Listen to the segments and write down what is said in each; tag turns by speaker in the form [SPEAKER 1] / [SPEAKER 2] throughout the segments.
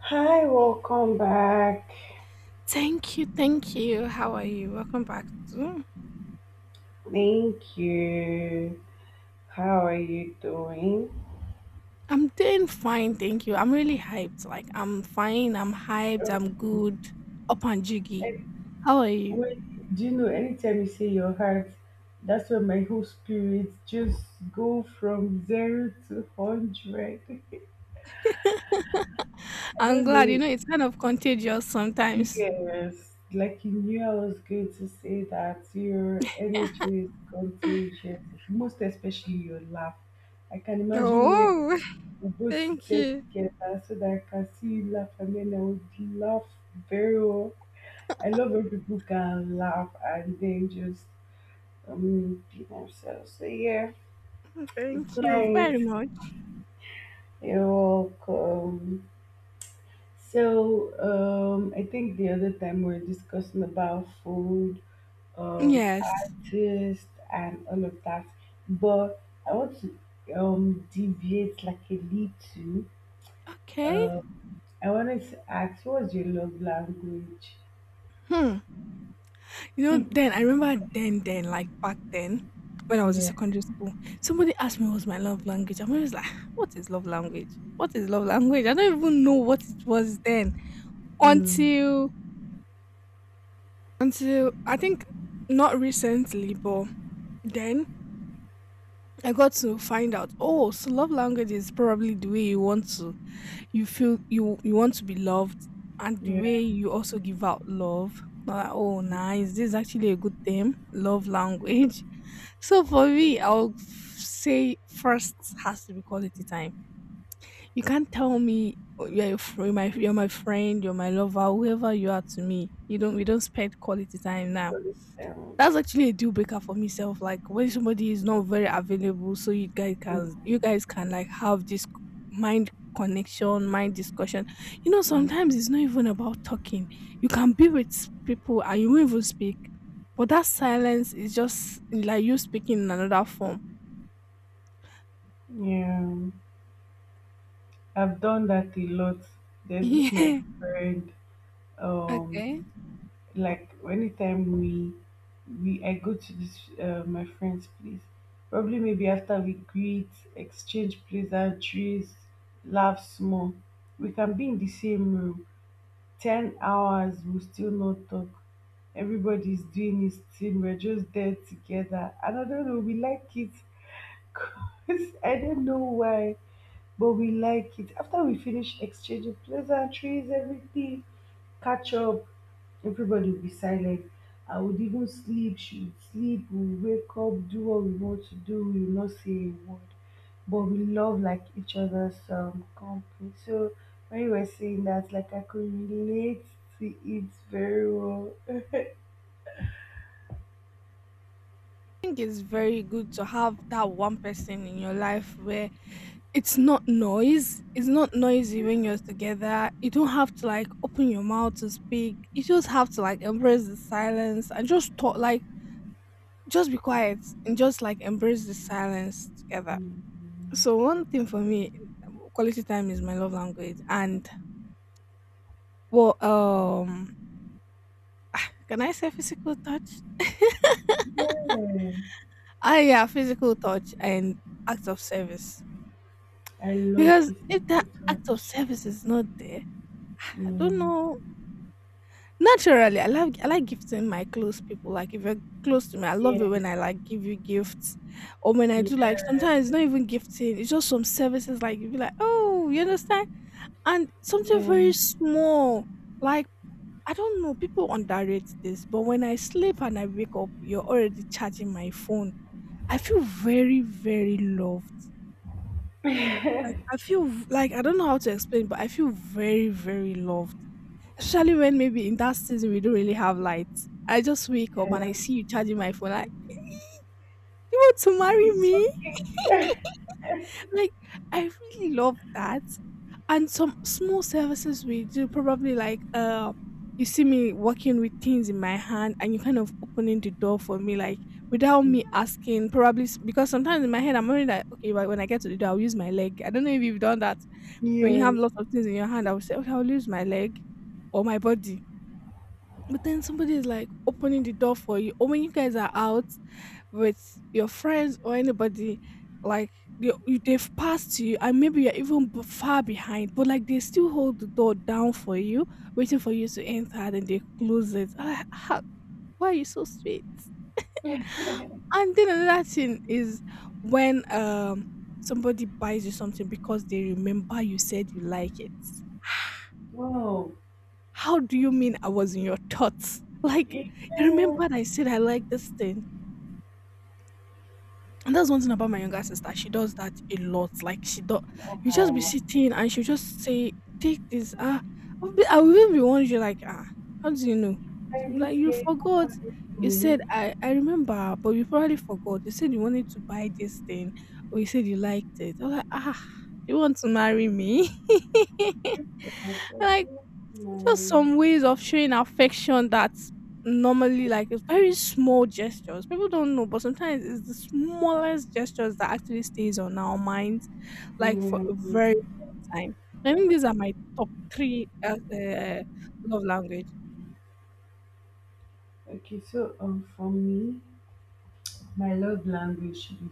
[SPEAKER 1] Hi, welcome back.
[SPEAKER 2] Thank you, thank you. How are you? Welcome back to.
[SPEAKER 1] Thank you. How are you doing?
[SPEAKER 2] I'm doing fine, thank you. I'm really hyped. Like I'm fine. I'm hyped.
[SPEAKER 1] Okay.
[SPEAKER 2] I'm good. Up and jiggy.
[SPEAKER 1] And
[SPEAKER 2] How are you?
[SPEAKER 1] When do you know, anytime you say your heart, that's when my whole spirit just go from zero to hundred. I
[SPEAKER 2] I'm
[SPEAKER 1] don't
[SPEAKER 2] glad. You
[SPEAKER 1] know.
[SPEAKER 2] know, it's kind of contagious sometimes.
[SPEAKER 1] Yes, like you knew I was going to say that your energy is contagious, most especially your laugh. I can imagine when
[SPEAKER 2] Oh,
[SPEAKER 1] we both
[SPEAKER 2] thank
[SPEAKER 1] sit
[SPEAKER 2] you.
[SPEAKER 1] together so that I can see you laugh and then I would laugh very well. I love when people can laugh and then just be themselves. So yeah, it's
[SPEAKER 2] Thank you
[SPEAKER 1] nice.
[SPEAKER 2] very much.
[SPEAKER 1] You're welcome. So I think the other time we were discussing about food,
[SPEAKER 2] Yes.
[SPEAKER 1] artists and all of that, but I want to deviate like a little.
[SPEAKER 2] Okay.
[SPEAKER 1] I wanted to ask, what's your love language?
[SPEAKER 2] Hmm. Then I remember then, like back then, when I was in
[SPEAKER 1] Yeah.
[SPEAKER 2] secondary school, somebody asked me what's my love language. I'm always like, what is love language? What is love language? I don't even know what it was then.
[SPEAKER 1] Mm.
[SPEAKER 2] Until until I think not recently, but then I got to find out. Oh, so love language is probably the way you want to you feel you want to be loved, and the way
[SPEAKER 1] Yeah.
[SPEAKER 2] you also give out love. Not like, oh
[SPEAKER 1] Yeah.
[SPEAKER 2] nice, this is actually a good thing. Love language. So for me, I'll say first has to be quality time. You can't tell me, "Oh, you're my friend, you're my lover, whoever you are to me. You don't we don't spend quality time now.
[SPEAKER 1] Totally.
[SPEAKER 2] That's actually a deal breaker for myself. Like when somebody is not very available, so you guys can
[SPEAKER 1] Mm,
[SPEAKER 2] you guys can like have this mind connection, mind discussion. You know, sometimes
[SPEAKER 1] mm.
[SPEAKER 2] it's not even about talking. You can be with people and you won't even speak. But that silence is just like you speaking in another form.
[SPEAKER 1] Yeah. I've done that a lot. There's this my
[SPEAKER 2] Yeah,
[SPEAKER 1] friend.
[SPEAKER 2] okay. I
[SPEAKER 1] Um, like anytime we I go to this my friend's place. Probably maybe after we greet, exchange pleasantries, laugh small. We can be in the same room. 10 hours we still not talk. Everybody's doing his thing. We're just there together. And I don't know, we like it. Because I don't know why, but we like it. After we finish exchanging pleasantries, everything, catch up, everybody will be silent. I would even sleep, she would sleep, we'll wake up, do what we want to do, we will not say a word. But we love like each other's company. So when you were saying that, like I could relate to it very well.
[SPEAKER 2] think it's very good to have that one person in your life where it's not noise. It's not noisy when you're together. You don't have to like open your mouth to speak. You just have to like embrace the silence and just talk like just be quiet and just like embrace the silence together.
[SPEAKER 1] Mm-hmm.
[SPEAKER 2] So one thing for me, quality time is my love language. And well, can I say physical touch?
[SPEAKER 1] Yeah,
[SPEAKER 2] Ah yeah, physical touch and acts of service.
[SPEAKER 1] I love
[SPEAKER 2] Because if
[SPEAKER 1] physical
[SPEAKER 2] that act of
[SPEAKER 1] touch.
[SPEAKER 2] service is not there, I
[SPEAKER 1] Yeah.
[SPEAKER 2] don't know. Naturally, I like gifting my close people. Like if you're close to me, I
[SPEAKER 1] Yeah,
[SPEAKER 2] love it when I like give you gifts, or when I do like
[SPEAKER 1] yeah,
[SPEAKER 2] sometimes it's not even gifting. It's just some services like you be like, oh, you understand, and something very
[SPEAKER 1] man,
[SPEAKER 2] small like. I don't know, people underrate this, but when I sleep and I wake up, you're already charging my phone. I feel very, very loved. Like I feel like I don't know how to explain, but I feel very, very loved. Especially when maybe in that season we don't really have lights. I just wake up and I
[SPEAKER 1] yeah.
[SPEAKER 2] see you charging my phone. Like, "Eh, you want to marry
[SPEAKER 1] It's
[SPEAKER 2] me?"
[SPEAKER 1] okay.
[SPEAKER 2] Like I really love that. And some small services we do, probably like you see me walking with things in my hand, and you kind of opening the door for me, like without me asking probably because sometimes in my head I'm only like, okay, but when I get to the door, I'll use my leg. I don't know if you've done that. When you have
[SPEAKER 1] Yes.
[SPEAKER 2] lots of things in your
[SPEAKER 1] She
[SPEAKER 2] hand, I
[SPEAKER 1] said,
[SPEAKER 2] would say, okay, I'll lose my leg or my body. But then somebody is like opening the door for you. Or when you guys are out with your friends or anybody, like they, they've passed you and maybe you're even far behind, but like they still hold the door down for you, waiting for you to enter, then they close it. I'm like, Why are you so sweet?" And then another thing is when somebody buys you something because they remember you said you like it.
[SPEAKER 1] Wow.
[SPEAKER 2] How do you mean I was in your thoughts? Like,
[SPEAKER 1] Yeah.
[SPEAKER 2] you remember? I said I like this thing. And that's one thing about my younger sister. She does that a lot. Like she do you just be
[SPEAKER 1] Oh,
[SPEAKER 2] sitting and she'll just say, "Take this." Ah, I will even be wondering like, ah, how do you know? She'll
[SPEAKER 1] I'm
[SPEAKER 2] be like,
[SPEAKER 1] just
[SPEAKER 2] "You
[SPEAKER 1] getting
[SPEAKER 2] forgot. You
[SPEAKER 1] me.
[SPEAKER 2] said I remember, but you probably forgot. You said you wanted to buy this thing, or you said you liked it." I'm like, ah, you want to marry me?
[SPEAKER 1] I can
[SPEAKER 2] Like just
[SPEAKER 1] do
[SPEAKER 2] some ways of showing affection that's normally like it's very small gestures. People don't know, but sometimes it's the smallest gestures that actually stays on our minds, like for a
[SPEAKER 1] my
[SPEAKER 2] very long time. I think these are my top three love language.
[SPEAKER 1] yeah. Okay, so for me, my love language should be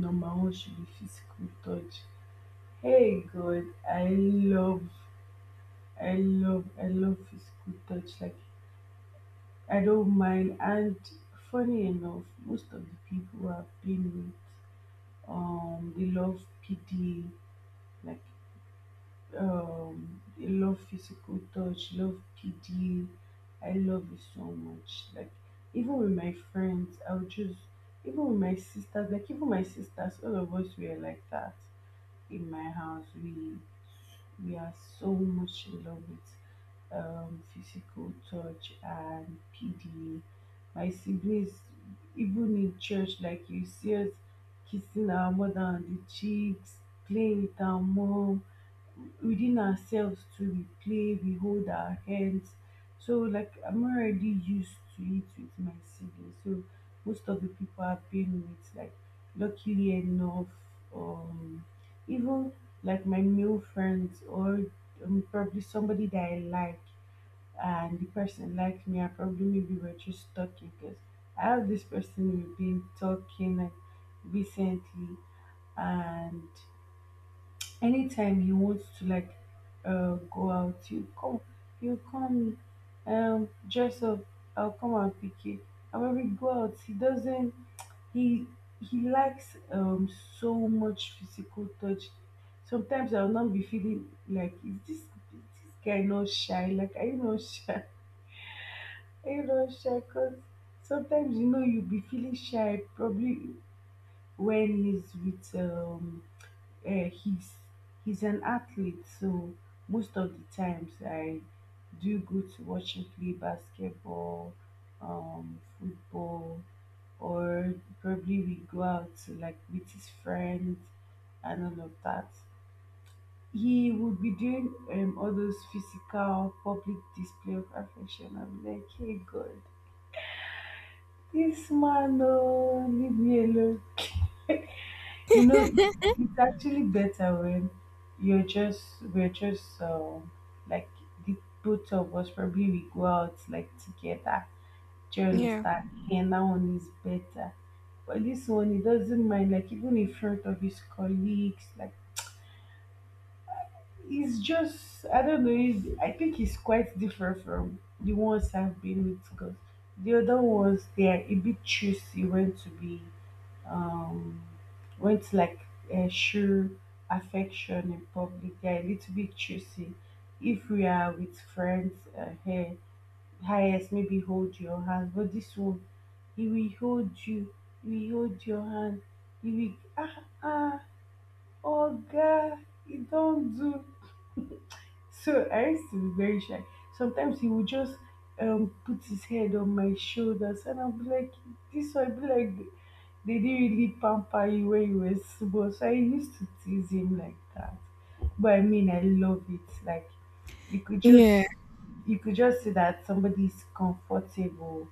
[SPEAKER 1] number one should be physical touch. Hey God, I love physical touch. Like I don't mind. And funny enough, most of the people I've been with, they love PD, like they love physical touch, love PD. I love it so much. Like even with my friends, I'll just even with my sisters, like even my sisters, all of us were like that in my house we are so much in love with physical touch and PD. My siblings, even in church, like you see us kissing our mother on the cheeks, playing with our mom, within ourselves too we play, we hold our hands. So like I'm already used to it with my siblings. So most of the people I've been with, like luckily enough, um even like my male friends or probably somebody that I like and the person liked me. I probably maybe we're just talking because I have this person we've been talking like recently. And anytime you want to like go out, you come, you call me, dress up, I'll come and pick you. And when we go out, he doesn't he he likes so much physical touch. Sometimes I'll not be feeling like, is this guy not shy, like are you not shy? Are you not shy? Because sometimes you know you'll be feeling shy. Probably when he's with uh, he's he's an athlete, so most of the times I do go to watch him play basketball, football, or probably we go out to like with his friends and all of that. He would be doing all those physical public display of affection. I'm like, hey God, this man, oh leave me alone. You know, it's actually better when you're just we're just like the both of us probably we go out like together. Do you
[SPEAKER 2] Yeah.
[SPEAKER 1] understand? And that one is better. But this one he doesn't mind, like even in front of his colleagues. Like he's just, I don't know, I think he's quite different from the ones I've been with. Because the other ones, they are a bit choosy when to be um, when to like show affection in public. They are a little bit choosy. If we are with friends, here, highest maybe hold your hand. But this one, he will hold you, he will hold your hand, he will ah ah, oh God, he don't do. So I used to be very shy. Sometimes he would just put his head on my shoulders and I'll be like, this will be like they didn't really pamper you when you were small. So I used to tease him like that. But I mean, I love it. Like you could
[SPEAKER 2] Yeah.
[SPEAKER 1] just you could just see that somebody is comfortable.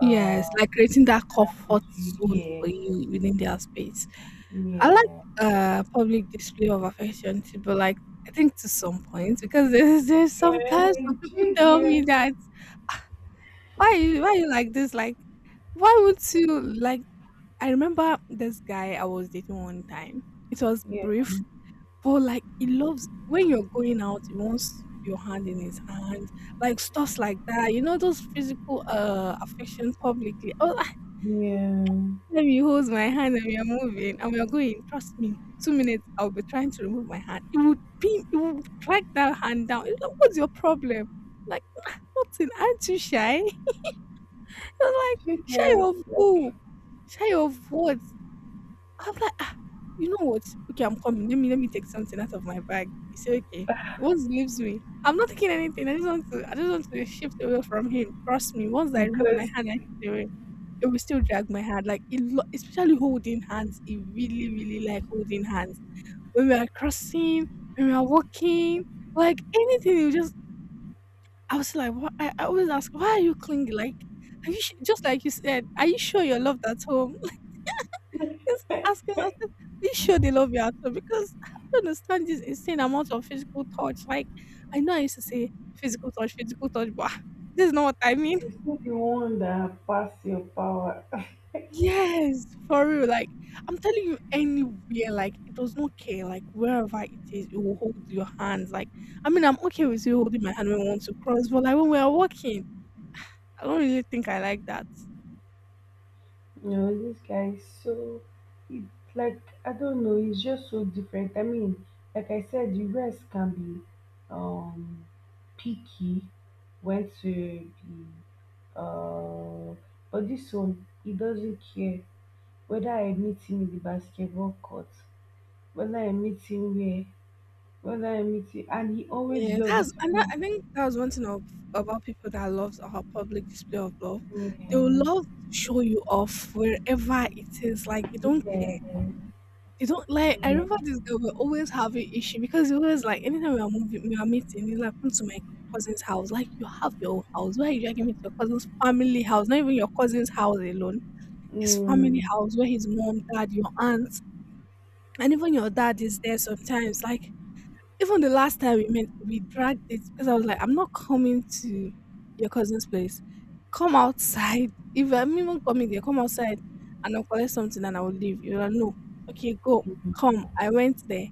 [SPEAKER 2] Yes, like creating that comfort zone
[SPEAKER 1] yeah,
[SPEAKER 2] for you within their space. I like
[SPEAKER 1] yeah,
[SPEAKER 2] public display of affection too, but like I think to some point because there's
[SPEAKER 1] yeah,
[SPEAKER 2] sometimes some
[SPEAKER 1] do
[SPEAKER 2] people
[SPEAKER 1] you
[SPEAKER 2] tell
[SPEAKER 1] get,
[SPEAKER 2] me that, "Ah, why you like this? Like why would you like I remember this guy I was dating one time. It was
[SPEAKER 1] yeah,
[SPEAKER 2] brief, but like he loves when you're going out, he wants your hand in his hand, like stuff like that. You know, those physical affection publicly. Oh,
[SPEAKER 1] yeah,
[SPEAKER 2] time you hold my hand and we are moving and we are going, trust me, 2 minutes I'll be trying to remove my hand. It would drag that hand down. It's like, "What's your problem?" Like nothing, aren't you shy? I was like,
[SPEAKER 1] you
[SPEAKER 2] shy
[SPEAKER 1] get, it.
[SPEAKER 2] of who?
[SPEAKER 1] Like,
[SPEAKER 2] Shy of what? I'm like, "Ah, you know what? Okay, I'm coming. Let me take something out of my bag." He said, okay. What he leaves me, I'm not taking anything. I just want to shift away from him. Trust me. Once I remove my
[SPEAKER 1] because
[SPEAKER 2] hand, I shift away. It will still drag my hand, like it lo especially holding hands, it really, really like holding hands. When we are crossing, when we are walking, like anything, you just I was like, "Why?" I always ask, "Why are you clingy? Like, are you su just like you said, are you sure you're loved at home?" Just asking us, "Are you sure they love you at home?" Because I don't understand this insane amount of physical touch. Like, I know I used to say physical touch, but this is not what I mean.
[SPEAKER 1] he's not the one that passed your power.
[SPEAKER 2] Yes, for real. Like I'm telling you, anywhere, like it does not care. Like wherever it is, it will hold your hands. Like I mean, I'm okay with you holding my hand when we want to cross, but like when we are walking, I don't really think I like that.
[SPEAKER 1] You know, this guy is so, he, like, I don't know, he's just so different. I mean, like I said, you guys can be um picky when to be, uh, but this one, he doesn't care whether I meet him in the basketball court, whether I meet him here, whether I meet him, and he always
[SPEAKER 2] Yeah,
[SPEAKER 1] love it.
[SPEAKER 2] that's and that, I think that was one thing of, about people that loves our public display of love. They will
[SPEAKER 1] Yeah,
[SPEAKER 2] love to show you off wherever it is. Like they don't
[SPEAKER 1] yeah,
[SPEAKER 2] They don't like. I
[SPEAKER 1] yeah.
[SPEAKER 2] remember this girl. We're always having issue because it was like anytime we are moving, we are meeting. It's like, come to my cousin's house. Like, you have your own house. Why are you dragging me to your cousin's family house? Not even your cousin's house alone. His family
[SPEAKER 1] Mm,
[SPEAKER 2] house where his mom, dad, your aunt, and even your dad is there sometimes. Like even the last time we met, we dragged it because I was like, "I'm not coming to your cousin's place. Come outside." "If I'm even coming there, come outside and I'll collect something and I will leave." You're like, "No. Okay, go. Come." I went there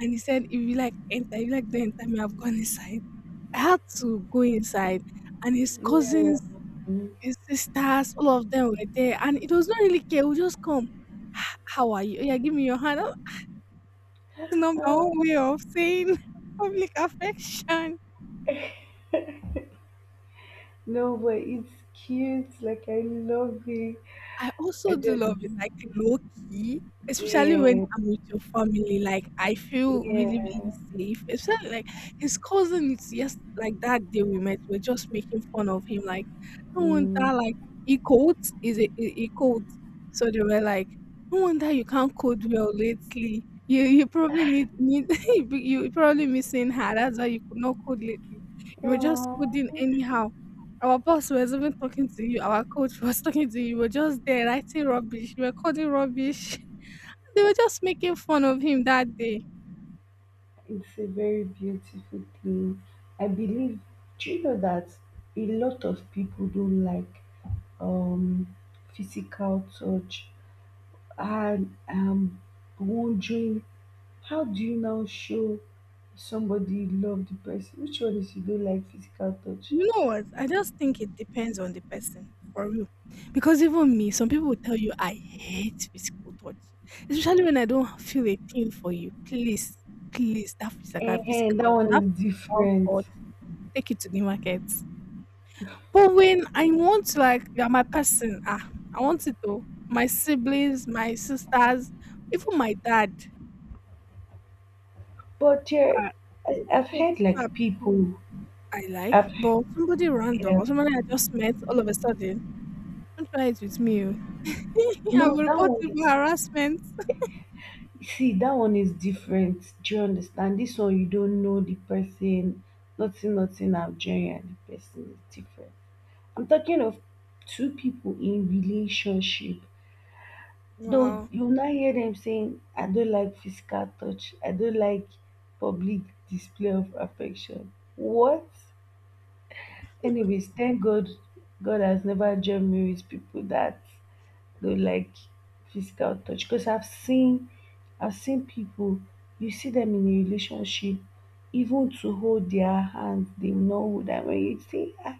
[SPEAKER 2] and he said, "If you like enter, if you like don't enter me, I've gone inside." I had to go inside and his
[SPEAKER 1] yeah.
[SPEAKER 2] cousins,
[SPEAKER 1] Mm.
[SPEAKER 2] his sisters, all of them were there and it was not really care. We just come. "Ah, how are you? Oh, yeah, give me your hand." It's not my own way of saying public affection.
[SPEAKER 1] No, but it's cute. Like I love it.
[SPEAKER 2] I
[SPEAKER 1] I
[SPEAKER 2] also do
[SPEAKER 1] just
[SPEAKER 2] love it like low key, especially when
[SPEAKER 1] yeah,
[SPEAKER 2] I'm with your family. Like I feel really,
[SPEAKER 1] yeah.
[SPEAKER 2] really safe. Especially like his cousin is, yes, like that day we met, we're just making fun of him. Like, no wonder
[SPEAKER 1] Mm.
[SPEAKER 2] like he codes is a he codes. So they were like, "No wonder you can't code well lately. You probably need you probably missing her. That's why you could not code lately. You were just
[SPEAKER 1] Aw,
[SPEAKER 2] coding anyhow. Our boss was even talking to you. Our coach was talking to you. You were just there writing rubbish. You were calling rubbish." They were just making fun of him that day.
[SPEAKER 1] it's a very beautiful thing. I believe. Do you know that a lot of people don't like um physical touch, and I'm wondering how do you now show somebody you love the person? Which one is you don't like physical touch?
[SPEAKER 2] You know what? I just think it depends on the person for real. Because even me, some people will tell you I hate physical touch, especially when I don't feel a thing for you. Please, please, that physical,
[SPEAKER 1] Eh, eh,
[SPEAKER 2] physical,
[SPEAKER 1] that one
[SPEAKER 2] that
[SPEAKER 1] is
[SPEAKER 2] physical
[SPEAKER 1] different.
[SPEAKER 2] touch, take it to the market. But when I want to, like, you are my person, ah, I want it to my siblings, my sisters, even my dad.
[SPEAKER 1] But yeah,
[SPEAKER 2] Ah,
[SPEAKER 1] I've
[SPEAKER 2] but
[SPEAKER 1] heard
[SPEAKER 2] these are
[SPEAKER 1] like
[SPEAKER 2] people
[SPEAKER 1] people,
[SPEAKER 2] I like.
[SPEAKER 1] I've
[SPEAKER 2] But somebody random
[SPEAKER 1] yeah,
[SPEAKER 2] or somebody I just met all of a sudden, don't try it with me. Oh. I
[SPEAKER 1] no,
[SPEAKER 2] will
[SPEAKER 1] that
[SPEAKER 2] report
[SPEAKER 1] one
[SPEAKER 2] you for
[SPEAKER 1] is,
[SPEAKER 2] harassment.
[SPEAKER 1] see, that one is different. Do you understand? This one, you don't know the person, nothing about, and the person is different. I'm talking of two people in relationship. Though
[SPEAKER 2] Wow.
[SPEAKER 1] you now hear them saying, I don't like physical touch, I don't like public display of affection. What? Anyways, thank God, God has never judged me with people that don't like physical touch. Because I've seen people, you see them in a relationship, even to hold their hand they will not hold. And when you say, ah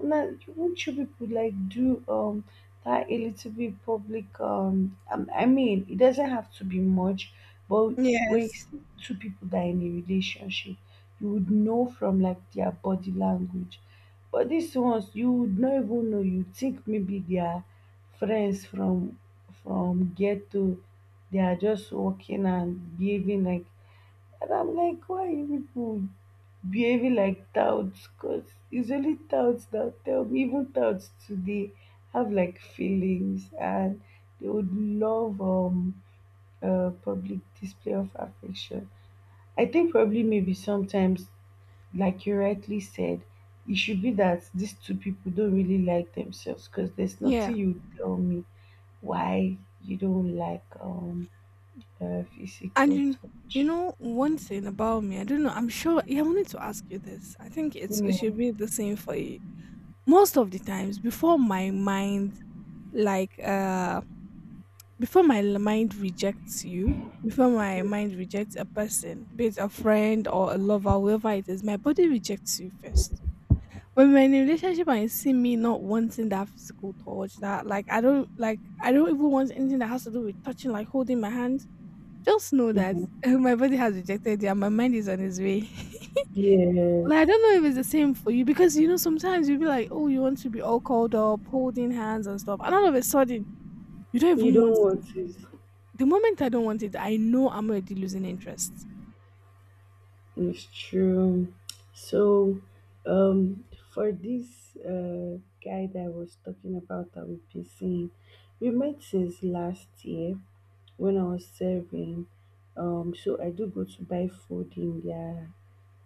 [SPEAKER 1] now, won't you people like do that a little bit public, I mean it doesn't have to be much, but when you
[SPEAKER 2] Yes.
[SPEAKER 1] see two people that are in a relationship, you would know from like their body language. But these ones you would not even know. You think maybe they are friends from ghetto. They are just walking and behaving like, and I'm like, why are you people behaving like touts? Because it's only touts that tell me, even touts today have like feelings and they would love a public display of affection. I think probably maybe sometimes, like you rightly said, it should be that these two people don't really like themselves. Because there's nothing
[SPEAKER 2] Yeah.
[SPEAKER 1] you tell me why you don't like
[SPEAKER 2] And
[SPEAKER 1] physical
[SPEAKER 2] you
[SPEAKER 1] touch.
[SPEAKER 2] know one thing about me, I don't know. I'm sure. Yeah, I wanted to ask you this. I think it
[SPEAKER 1] Yeah.
[SPEAKER 2] should be the same for you. Most of the times, before my mind like before my l- mind rejects you, before my mind rejects a person, be it a friend or a lover, whoever it is, my body rejects you first. When we're in a relationship and you see me not wanting that physical touch, that like I don't like, I don't even want anything that has to do with touching, like holding my hand, just know that
[SPEAKER 1] Mhm.
[SPEAKER 2] my body has rejected you and my mind is on its way.
[SPEAKER 1] Yes.
[SPEAKER 2] Like, I don't know if it's the same for you, because you know sometimes you'll be like, oh, you want to be all called up, holding hands and stuff, and all of a sudden you don't
[SPEAKER 1] You
[SPEAKER 2] even want
[SPEAKER 1] don't
[SPEAKER 2] it.
[SPEAKER 1] want it.
[SPEAKER 2] The moment I don't want it, I know I'm already losing interest.
[SPEAKER 1] It's true. So, um, for this guy that I was talking about that we've been seeing, we met since last year when I was serving. So I do go to buy food in their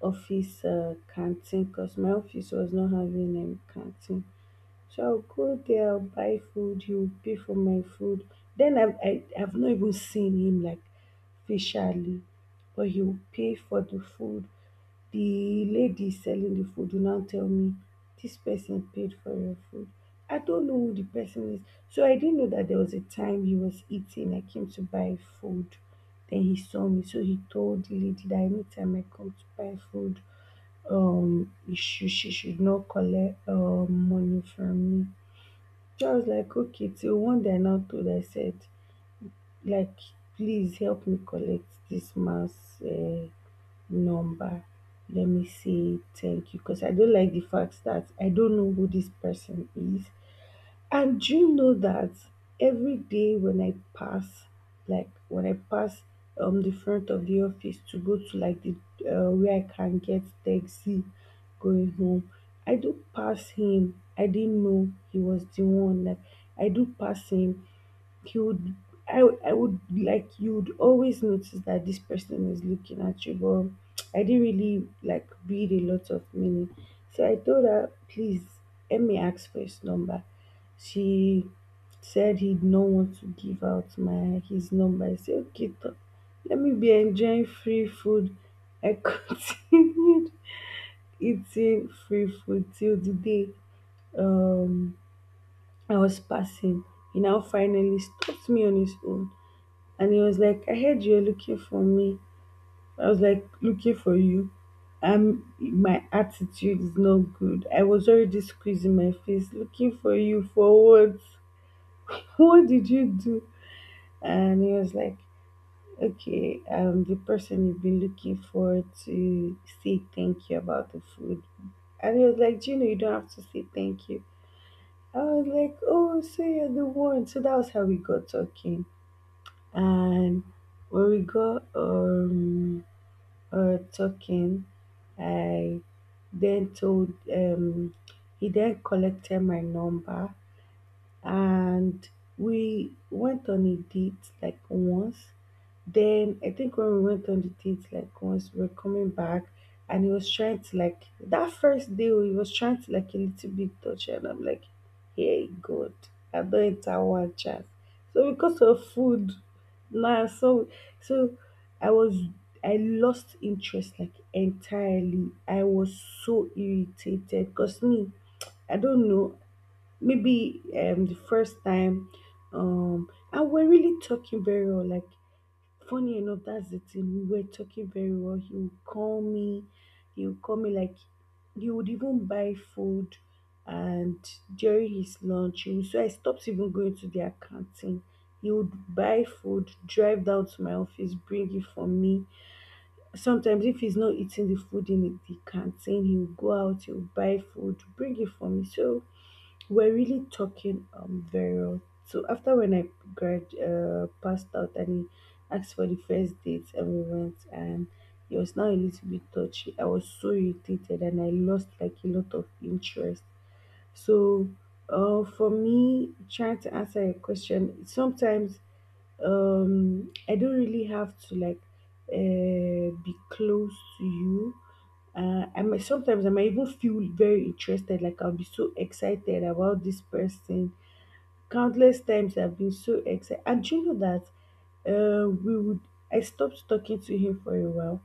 [SPEAKER 1] office canteen, because my office was not having a canteen. So Sha go there, I'll buy food, he will pay for my food. Then I've not even seen him like facially, but he will pay for the food. The lady selling the food will now tell me, this person paid for your food. I don't know who the person is. So I didn't know that there was a time he was eating. I came to buy food. Then he saw me. So he told the lady that anytime I come to buy food, she should not collect money from me. Just like okay, till one day I now told her, I said like, please help me collect this man's uh, number, let me say thank you, because I don't like the fact that I don't know who this person is. And do you know that every day when I pass, like when I pass the front of the office to go to like the where I can get taxi going home, I do pass him. I didn't know he was the one. Like I do pass him, you would I, would- I would like, you would always notice that this person is looking at you, but I didn't really like read a lot of meaning. So I told her, please let me ask for his number. She said he'd not want to give out my his number. I said, okay, let me be enjoying free food. I continued eating free food till the day um I was passing. He now finally stopped me on his own and he was like, I heard you're looking for me. I was like, looking for you. My attitude is not good. I was already squeezing my face, looking for you for what? What did you do? And he was like, okay, the person you've been looking for to say thank you about the food. And he was like, do you know you don't have to say thank you? I was like, oh, so you're the one. So that was how we got talking. And when we got, talking. I then told he then collected my number and we went on a date like once. Then I think when we went on the date, like once we were coming back, and he was trying to like that first day, he was trying to like a little bit touch, her, and I'm like, hey God, I don't enter one chance. So because of food, nah. So I was I lost interest like entirely. I was so irritated because me, I don't know, maybe the first time and we're really talking very well, like. Funny enough, that's the thing. We were talking very well. He would call me. He would call me, like, he would even buy food, and during his lunch, he would, so I stopped even going to their canteen. He would buy food, drive down to my office, bring it for me. Sometimes, if he's not eating the food in the canteen, he would go out, he would buy food, bring it for me. So we're really talking very well. So after when I grad passed out and he asked for the first date and we went, and he was now a little bit touchy. I was so irritated and I lost like a lot of interest. So for me trying to answer a question sometimes, I don't really have to like be close to you. I might even feel very interested, like I'll be so excited about this person. Countless times I've been so excited. And do you know that we would I stopped talking to him for a while.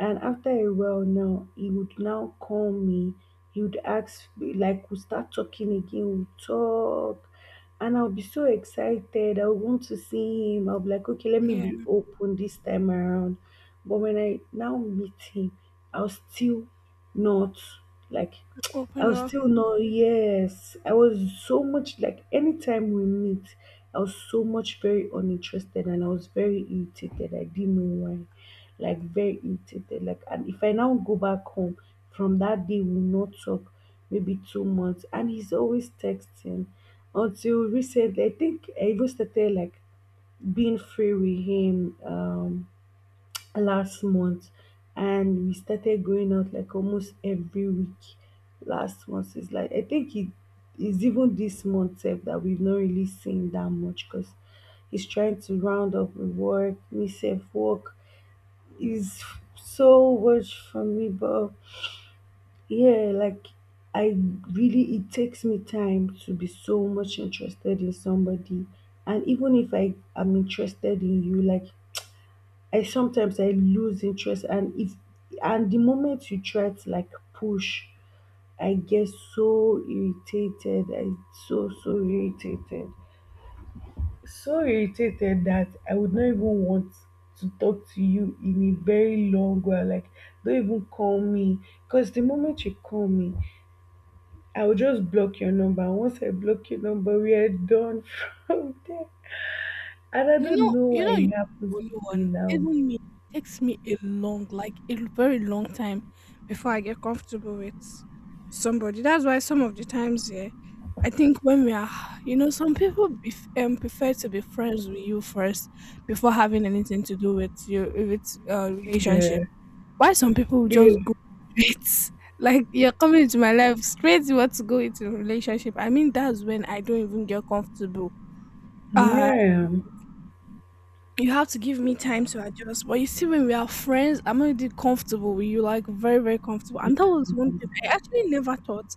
[SPEAKER 1] And after a while now, he would now call me. He would ask, like, we start talking again, we talk. And I'll be so excited. I would want to see him. I'll be like, okay, let me be
[SPEAKER 2] Yeah,
[SPEAKER 1] open this time around. But when I now meet him, I'll still not, like,
[SPEAKER 2] open
[SPEAKER 1] I'll
[SPEAKER 2] up.
[SPEAKER 1] still not, yes. I was so much, like, anytime we meet, I was so much very uninterested and I was very irritated. I didn't know why, like, very irritated, like, and if I now go back home from that day, we will not talk maybe 2 months, and he's always texting. Until recently, I think I even started like being free with him, last month, and we started going out like almost every week. Last month, it's like I think it is even this month sef that we've not really seen that much because he's trying to round up with work. Me sef, work is so much for me. But yeah, like, I really, it takes me time to be so much interested in somebody. And even if I am interested in you, like, I lose interest. And if and the moment you try to like push, I get so irritated. I so so irritated, so irritated that I would not even want to talk to you in a very long while. Like, don't even call me. Because the moment you call me, I will just block your number. And once I block your number, we are done from there. And I don't know
[SPEAKER 2] You
[SPEAKER 1] why
[SPEAKER 2] know,
[SPEAKER 1] it
[SPEAKER 2] you're the
[SPEAKER 1] happens
[SPEAKER 2] only
[SPEAKER 1] to me
[SPEAKER 2] one.
[SPEAKER 1] now.
[SPEAKER 2] Even me, it takes me a long, like a very long time before I get comfortable with somebody. That's why some of the times, yeah, I think when we are, you know, some people prefer to be friends with you first before having anything to do with you, with relationship.
[SPEAKER 1] Yeah.
[SPEAKER 2] Why some people
[SPEAKER 1] Yeah.
[SPEAKER 2] just go straight? Like you're coming into my life straight, you want to go into a relationship. I mean, that's when I don't even get comfortable. Uh,
[SPEAKER 1] Yeah.
[SPEAKER 2] you have to give me time to adjust. But you see, when we are friends, I'm already comfortable with you, like very, very comfortable. And that was one thing I actually never thought.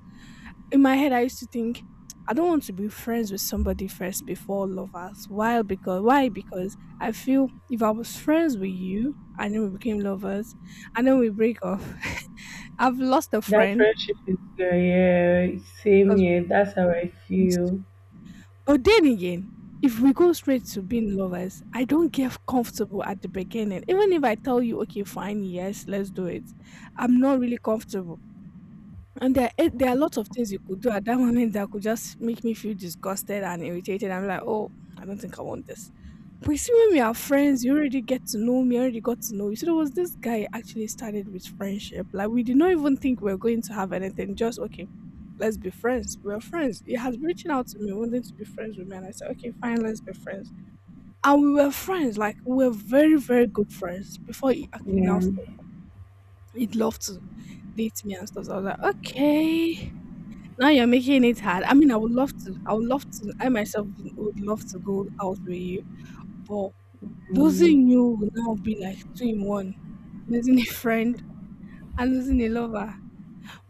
[SPEAKER 2] In my head, I used to think, I don't want to be friends with somebody first before lovers. Why? Because why? Because I feel if I was friends with you and then we became lovers and then we break off, I've lost a
[SPEAKER 1] That
[SPEAKER 2] friend
[SPEAKER 1] friendship is good. Yeah. Same
[SPEAKER 2] because
[SPEAKER 1] here. That's how I
[SPEAKER 2] we used.
[SPEAKER 1] feel.
[SPEAKER 2] But then again, if we go straight to being lovers, I don't get comfortable at the beginning. Even if I tell you, okay, fine, yes, let's do it, I'm not really comfortable. And there, there are lots of things you could do at that moment that could just make me feel disgusted and irritated. I'm like, oh, I don't think I want this. But you see, when we are friends, you already get to know me, I already got to know you. So there was this guy I actually started with friendship. Like, we did not even think we were going to have anything, just okay, let's be friends. We were friends. He has been reaching out to me, wanting to be friends with me. And I said, okay, fine, let's be friends. And we were friends. Like, we were very, very good friends before he actually now
[SPEAKER 1] Yeah.
[SPEAKER 2] said he'd love to date me and stuff. So I was like, okay. Now you're making it hard. I mean, I would love to. I would love to. I myself would love to go out with you, but
[SPEAKER 1] Mm.
[SPEAKER 2] losing you will now be like two in one: losing a friend and losing a lover.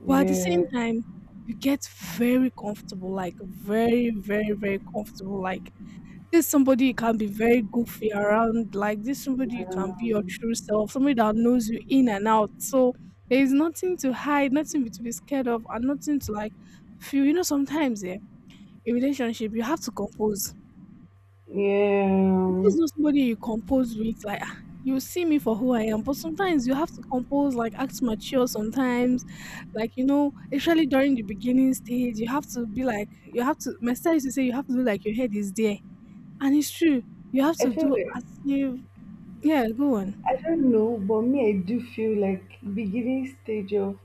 [SPEAKER 2] But at the
[SPEAKER 1] Yeah.
[SPEAKER 2] same time, you get very comfortable, like very, very, very comfortable. Like this somebody you can be very goofy around. Like this somebody you can be your true
[SPEAKER 1] Um,
[SPEAKER 2] self, somebody that knows you in and out. So there is nothing to hide, nothing to be scared of, and nothing to like feel. You know, sometimes, yeah, a relationship, you have to compose. If
[SPEAKER 1] yeah.
[SPEAKER 2] this not somebody you compose with, like, "Ah, you see me for who I am," but sometimes you have to compose, like act mature sometimes, like you know, especially during the beginning stage, you have to be like you have to. My style is to say you have to do like your head is there, and it's true. You have
[SPEAKER 1] I
[SPEAKER 2] to
[SPEAKER 1] feel
[SPEAKER 2] do
[SPEAKER 1] that.
[SPEAKER 2] as if yeah, go on.
[SPEAKER 1] I don't know, but me, I do feel like beginning stage of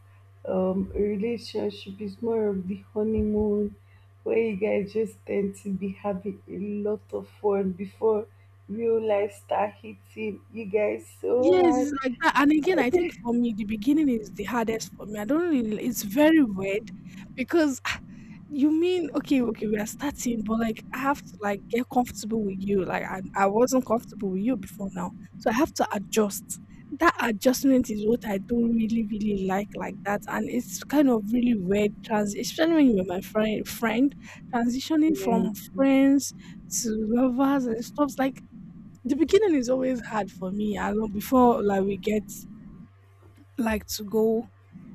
[SPEAKER 1] a relationship is more of the honeymoon, where you guys just tend to be having a lot of fun before real life start hitting you guys so
[SPEAKER 2] Yes,
[SPEAKER 1] hard.
[SPEAKER 2] it's like that. And again, I think for me, the beginning is the hardest for me. I don't really, it's very weird because ah, you mean, okay, okay, we are starting, but like I have to like get comfortable with you. Like I wasn't comfortable with you before now. So I have to adjust. That adjustment is what I don't really, really like that. And it's kind of really weird trans, especially when you're my friend, transitioning
[SPEAKER 1] Yeah,
[SPEAKER 2] from friends to lovers and stuff. Like the beginning is always hard for me. I know before like we get like to go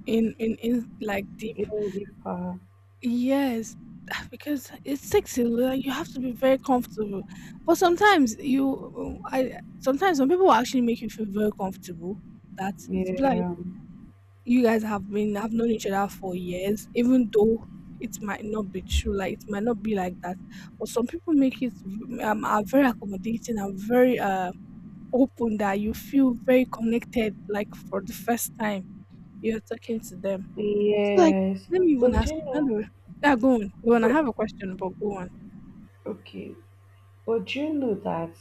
[SPEAKER 2] in, in like deep.
[SPEAKER 1] even deeper.
[SPEAKER 2] Yes. Because it's sexy, like, you have to be very comfortable. But sometimes you, I sometimes some people will actually make you feel very comfortable. That it's like
[SPEAKER 1] Yeah,
[SPEAKER 2] you guys have been have known each other for years, even though it might not be true. Like it might not be like that. But some people make it are very accommodating and very open that you feel very connected, like for the first time you're talking to them. So like,
[SPEAKER 1] yes.
[SPEAKER 2] let me even
[SPEAKER 1] But
[SPEAKER 2] ask
[SPEAKER 1] you
[SPEAKER 2] you,
[SPEAKER 1] know,
[SPEAKER 2] anyway, yeah, go on. Go on. I
[SPEAKER 1] but
[SPEAKER 2] have a question, but go on.
[SPEAKER 1] okay, but you know that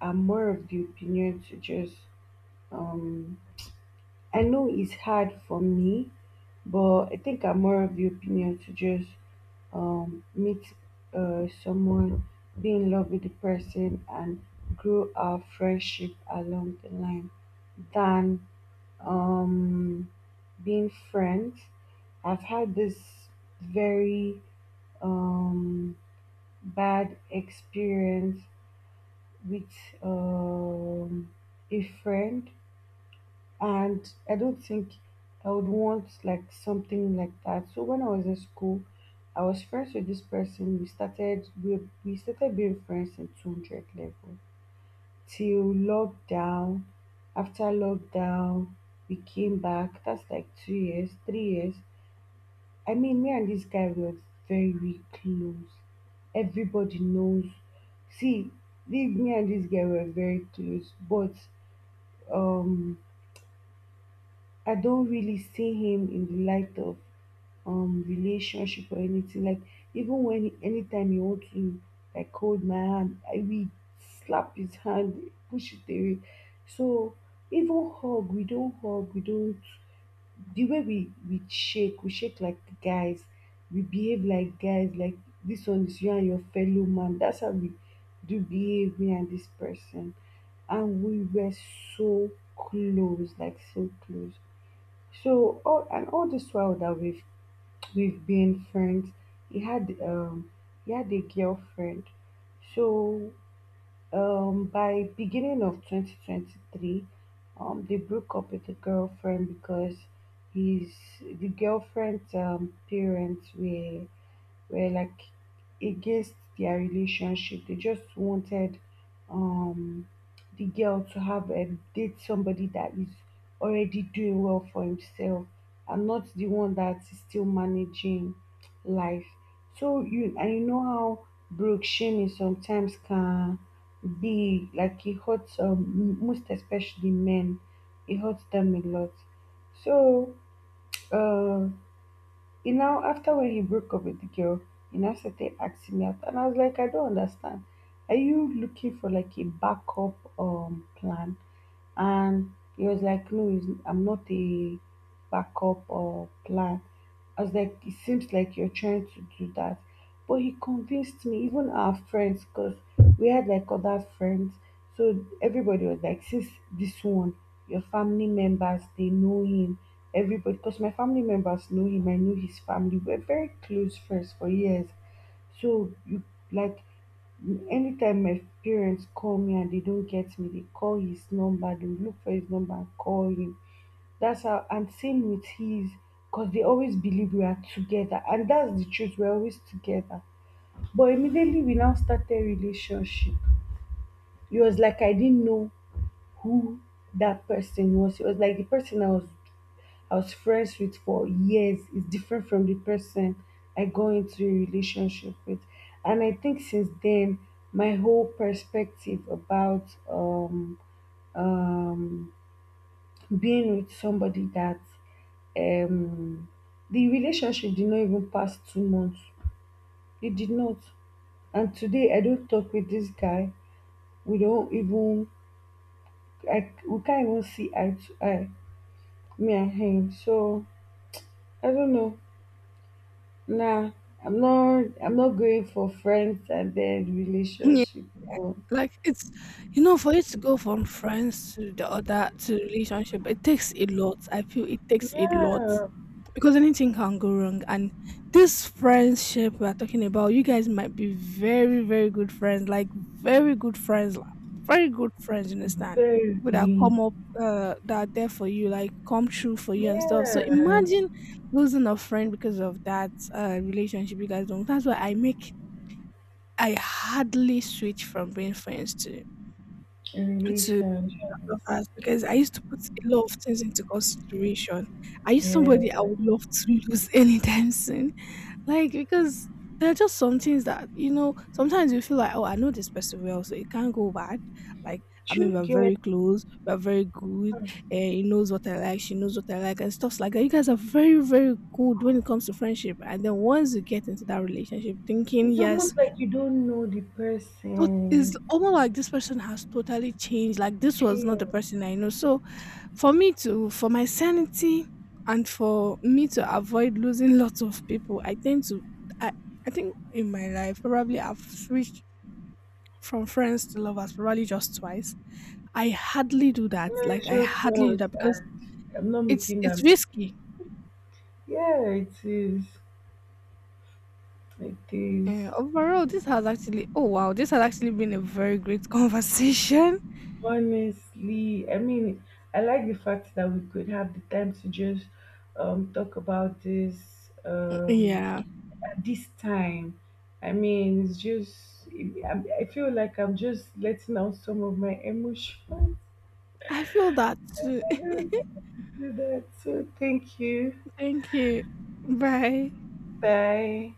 [SPEAKER 1] I'm more of the opinion to just um I know it's hard for me, but I think I'm more of the opinion to just meet someone, be in love with the person, and grow our friendship along the line than um, being friends. I've had this very um, bad experience with um, a friend, and I don't think I would want like something like that. So when I was in school, I was friends with this person. We started being friends in 200 level till lockdown. After lockdown, we came back. That's like 2 years, 3 years. I mean, me and this guy were very close. Everybody knows. See, me and this guy were very close, but um I don't really see him in the light of relationship or anything. Like, even when anytime he want to like hold my hand, I we slap his hand, push it away. So even hug, we don't hug, we don't, the way we shake like the guys, we behave like guys, like this one is you and your fellow man. That's how we do behave me and this person. And we were so close, like so close. So all and all this while that we've been friends, he had he had a girlfriend. So by beginning of 2023, they broke up with the girlfriend because his the girlfriend's parents were, like, against their relationship. They just wanted um the girl to have a date somebody that is already doing well for himself and not the one that is still managing life. So you know how broke shaming sometimes can be, like, it hurts, most especially men. It hurts them a lot. So uh after when he broke up with the girl, he now started asking me out, and I was like, I don't understand. Are you looking for like a backup plan? And he was like, no, I'm not a backup or plan. I was like, it seems like you're trying to do that. But he convinced me, even our friends, because we had like other friends. So everybody was like, since this one, your family members, they know him. Everybody, because my family members know him, I knew his family. We're very close friends for years. So, you like Anytime my parents call me and they don't get me, they call his number, they will look for his number and call him. That's how, and same with his, because they always believe we are together. And that's the truth, we're always together. But immediately we now started relationship. It was like I didn't know who that person was. It was like the person I was friends with for years is different from the person I go into a relationship with. And I think since then, my whole perspective about um, being with somebody that um, the relationship did not even pass 2 months. It did not. And today, I don't talk with this guy. We don't even, we can't even see eye to eye, me and him. So, I don't know. Nah, I'm not going for friends and then
[SPEAKER 2] Yeah,
[SPEAKER 1] relationship. No.
[SPEAKER 2] like it's, you know, for you to go from friends to the other to relationship, it takes a lot. I feel it takes a lot.
[SPEAKER 1] Yeah,
[SPEAKER 2] Because anything can go wrong, and this friendship we're talking about, you guys might be very, very good friends, like very good friends, like very good friends, you understand, people that
[SPEAKER 1] baby.
[SPEAKER 2] come up, that are there for you, like come true for you and stuff. So
[SPEAKER 1] Yeah,
[SPEAKER 2] imagine losing a friend because of that relationship. You guys don't, that's why I hardly switch from being friends to
[SPEAKER 1] relationship.
[SPEAKER 2] lovers, because I used to put a lot of things into consideration. Are you somebody I
[SPEAKER 1] Yeah.
[SPEAKER 2] would love to lose anytime soon? Like, because there are just some things that you know. Sometimes you feel like, oh, I know this person well, so it can't go bad. Like, I mean,
[SPEAKER 1] You
[SPEAKER 2] we're
[SPEAKER 1] get.
[SPEAKER 2] very close, we're very good, and he knows what I like, she knows what I like, and stuff like that. You guys are very, very good when it comes to friendship. And then once you get into that relationship, thinking,
[SPEAKER 1] It's
[SPEAKER 2] yes,
[SPEAKER 1] almost like you don't know the
[SPEAKER 2] but it's
[SPEAKER 1] person.
[SPEAKER 2] almost like this person has totally changed. Like this was not the
[SPEAKER 1] Chill.
[SPEAKER 2] person I know. So for me to for my sanity, and for me to avoid losing lots of people, I tend to I I think in my life probably I've switched from friends to lovers probably just twice. I hardly do that.
[SPEAKER 1] You
[SPEAKER 2] Like
[SPEAKER 1] it's
[SPEAKER 2] I
[SPEAKER 1] just
[SPEAKER 2] hardly do
[SPEAKER 1] once,
[SPEAKER 2] that because
[SPEAKER 1] and I'm not making that
[SPEAKER 2] it's risky.
[SPEAKER 1] mistake. Yeah, it is. It
[SPEAKER 2] Yeah,
[SPEAKER 1] is.
[SPEAKER 2] overall, this has actually this has actually been a very great conversation.
[SPEAKER 1] Honestly, I mean, I like the fact that we could have the time to just talk about this,
[SPEAKER 2] Yeah,
[SPEAKER 1] at this time. I mean, it's just, I feel like I'm just letting out some of my emotions.
[SPEAKER 2] I feel that too.
[SPEAKER 1] I don't get to do that. So, thank you.
[SPEAKER 2] Thank you. Bye.
[SPEAKER 1] Bye.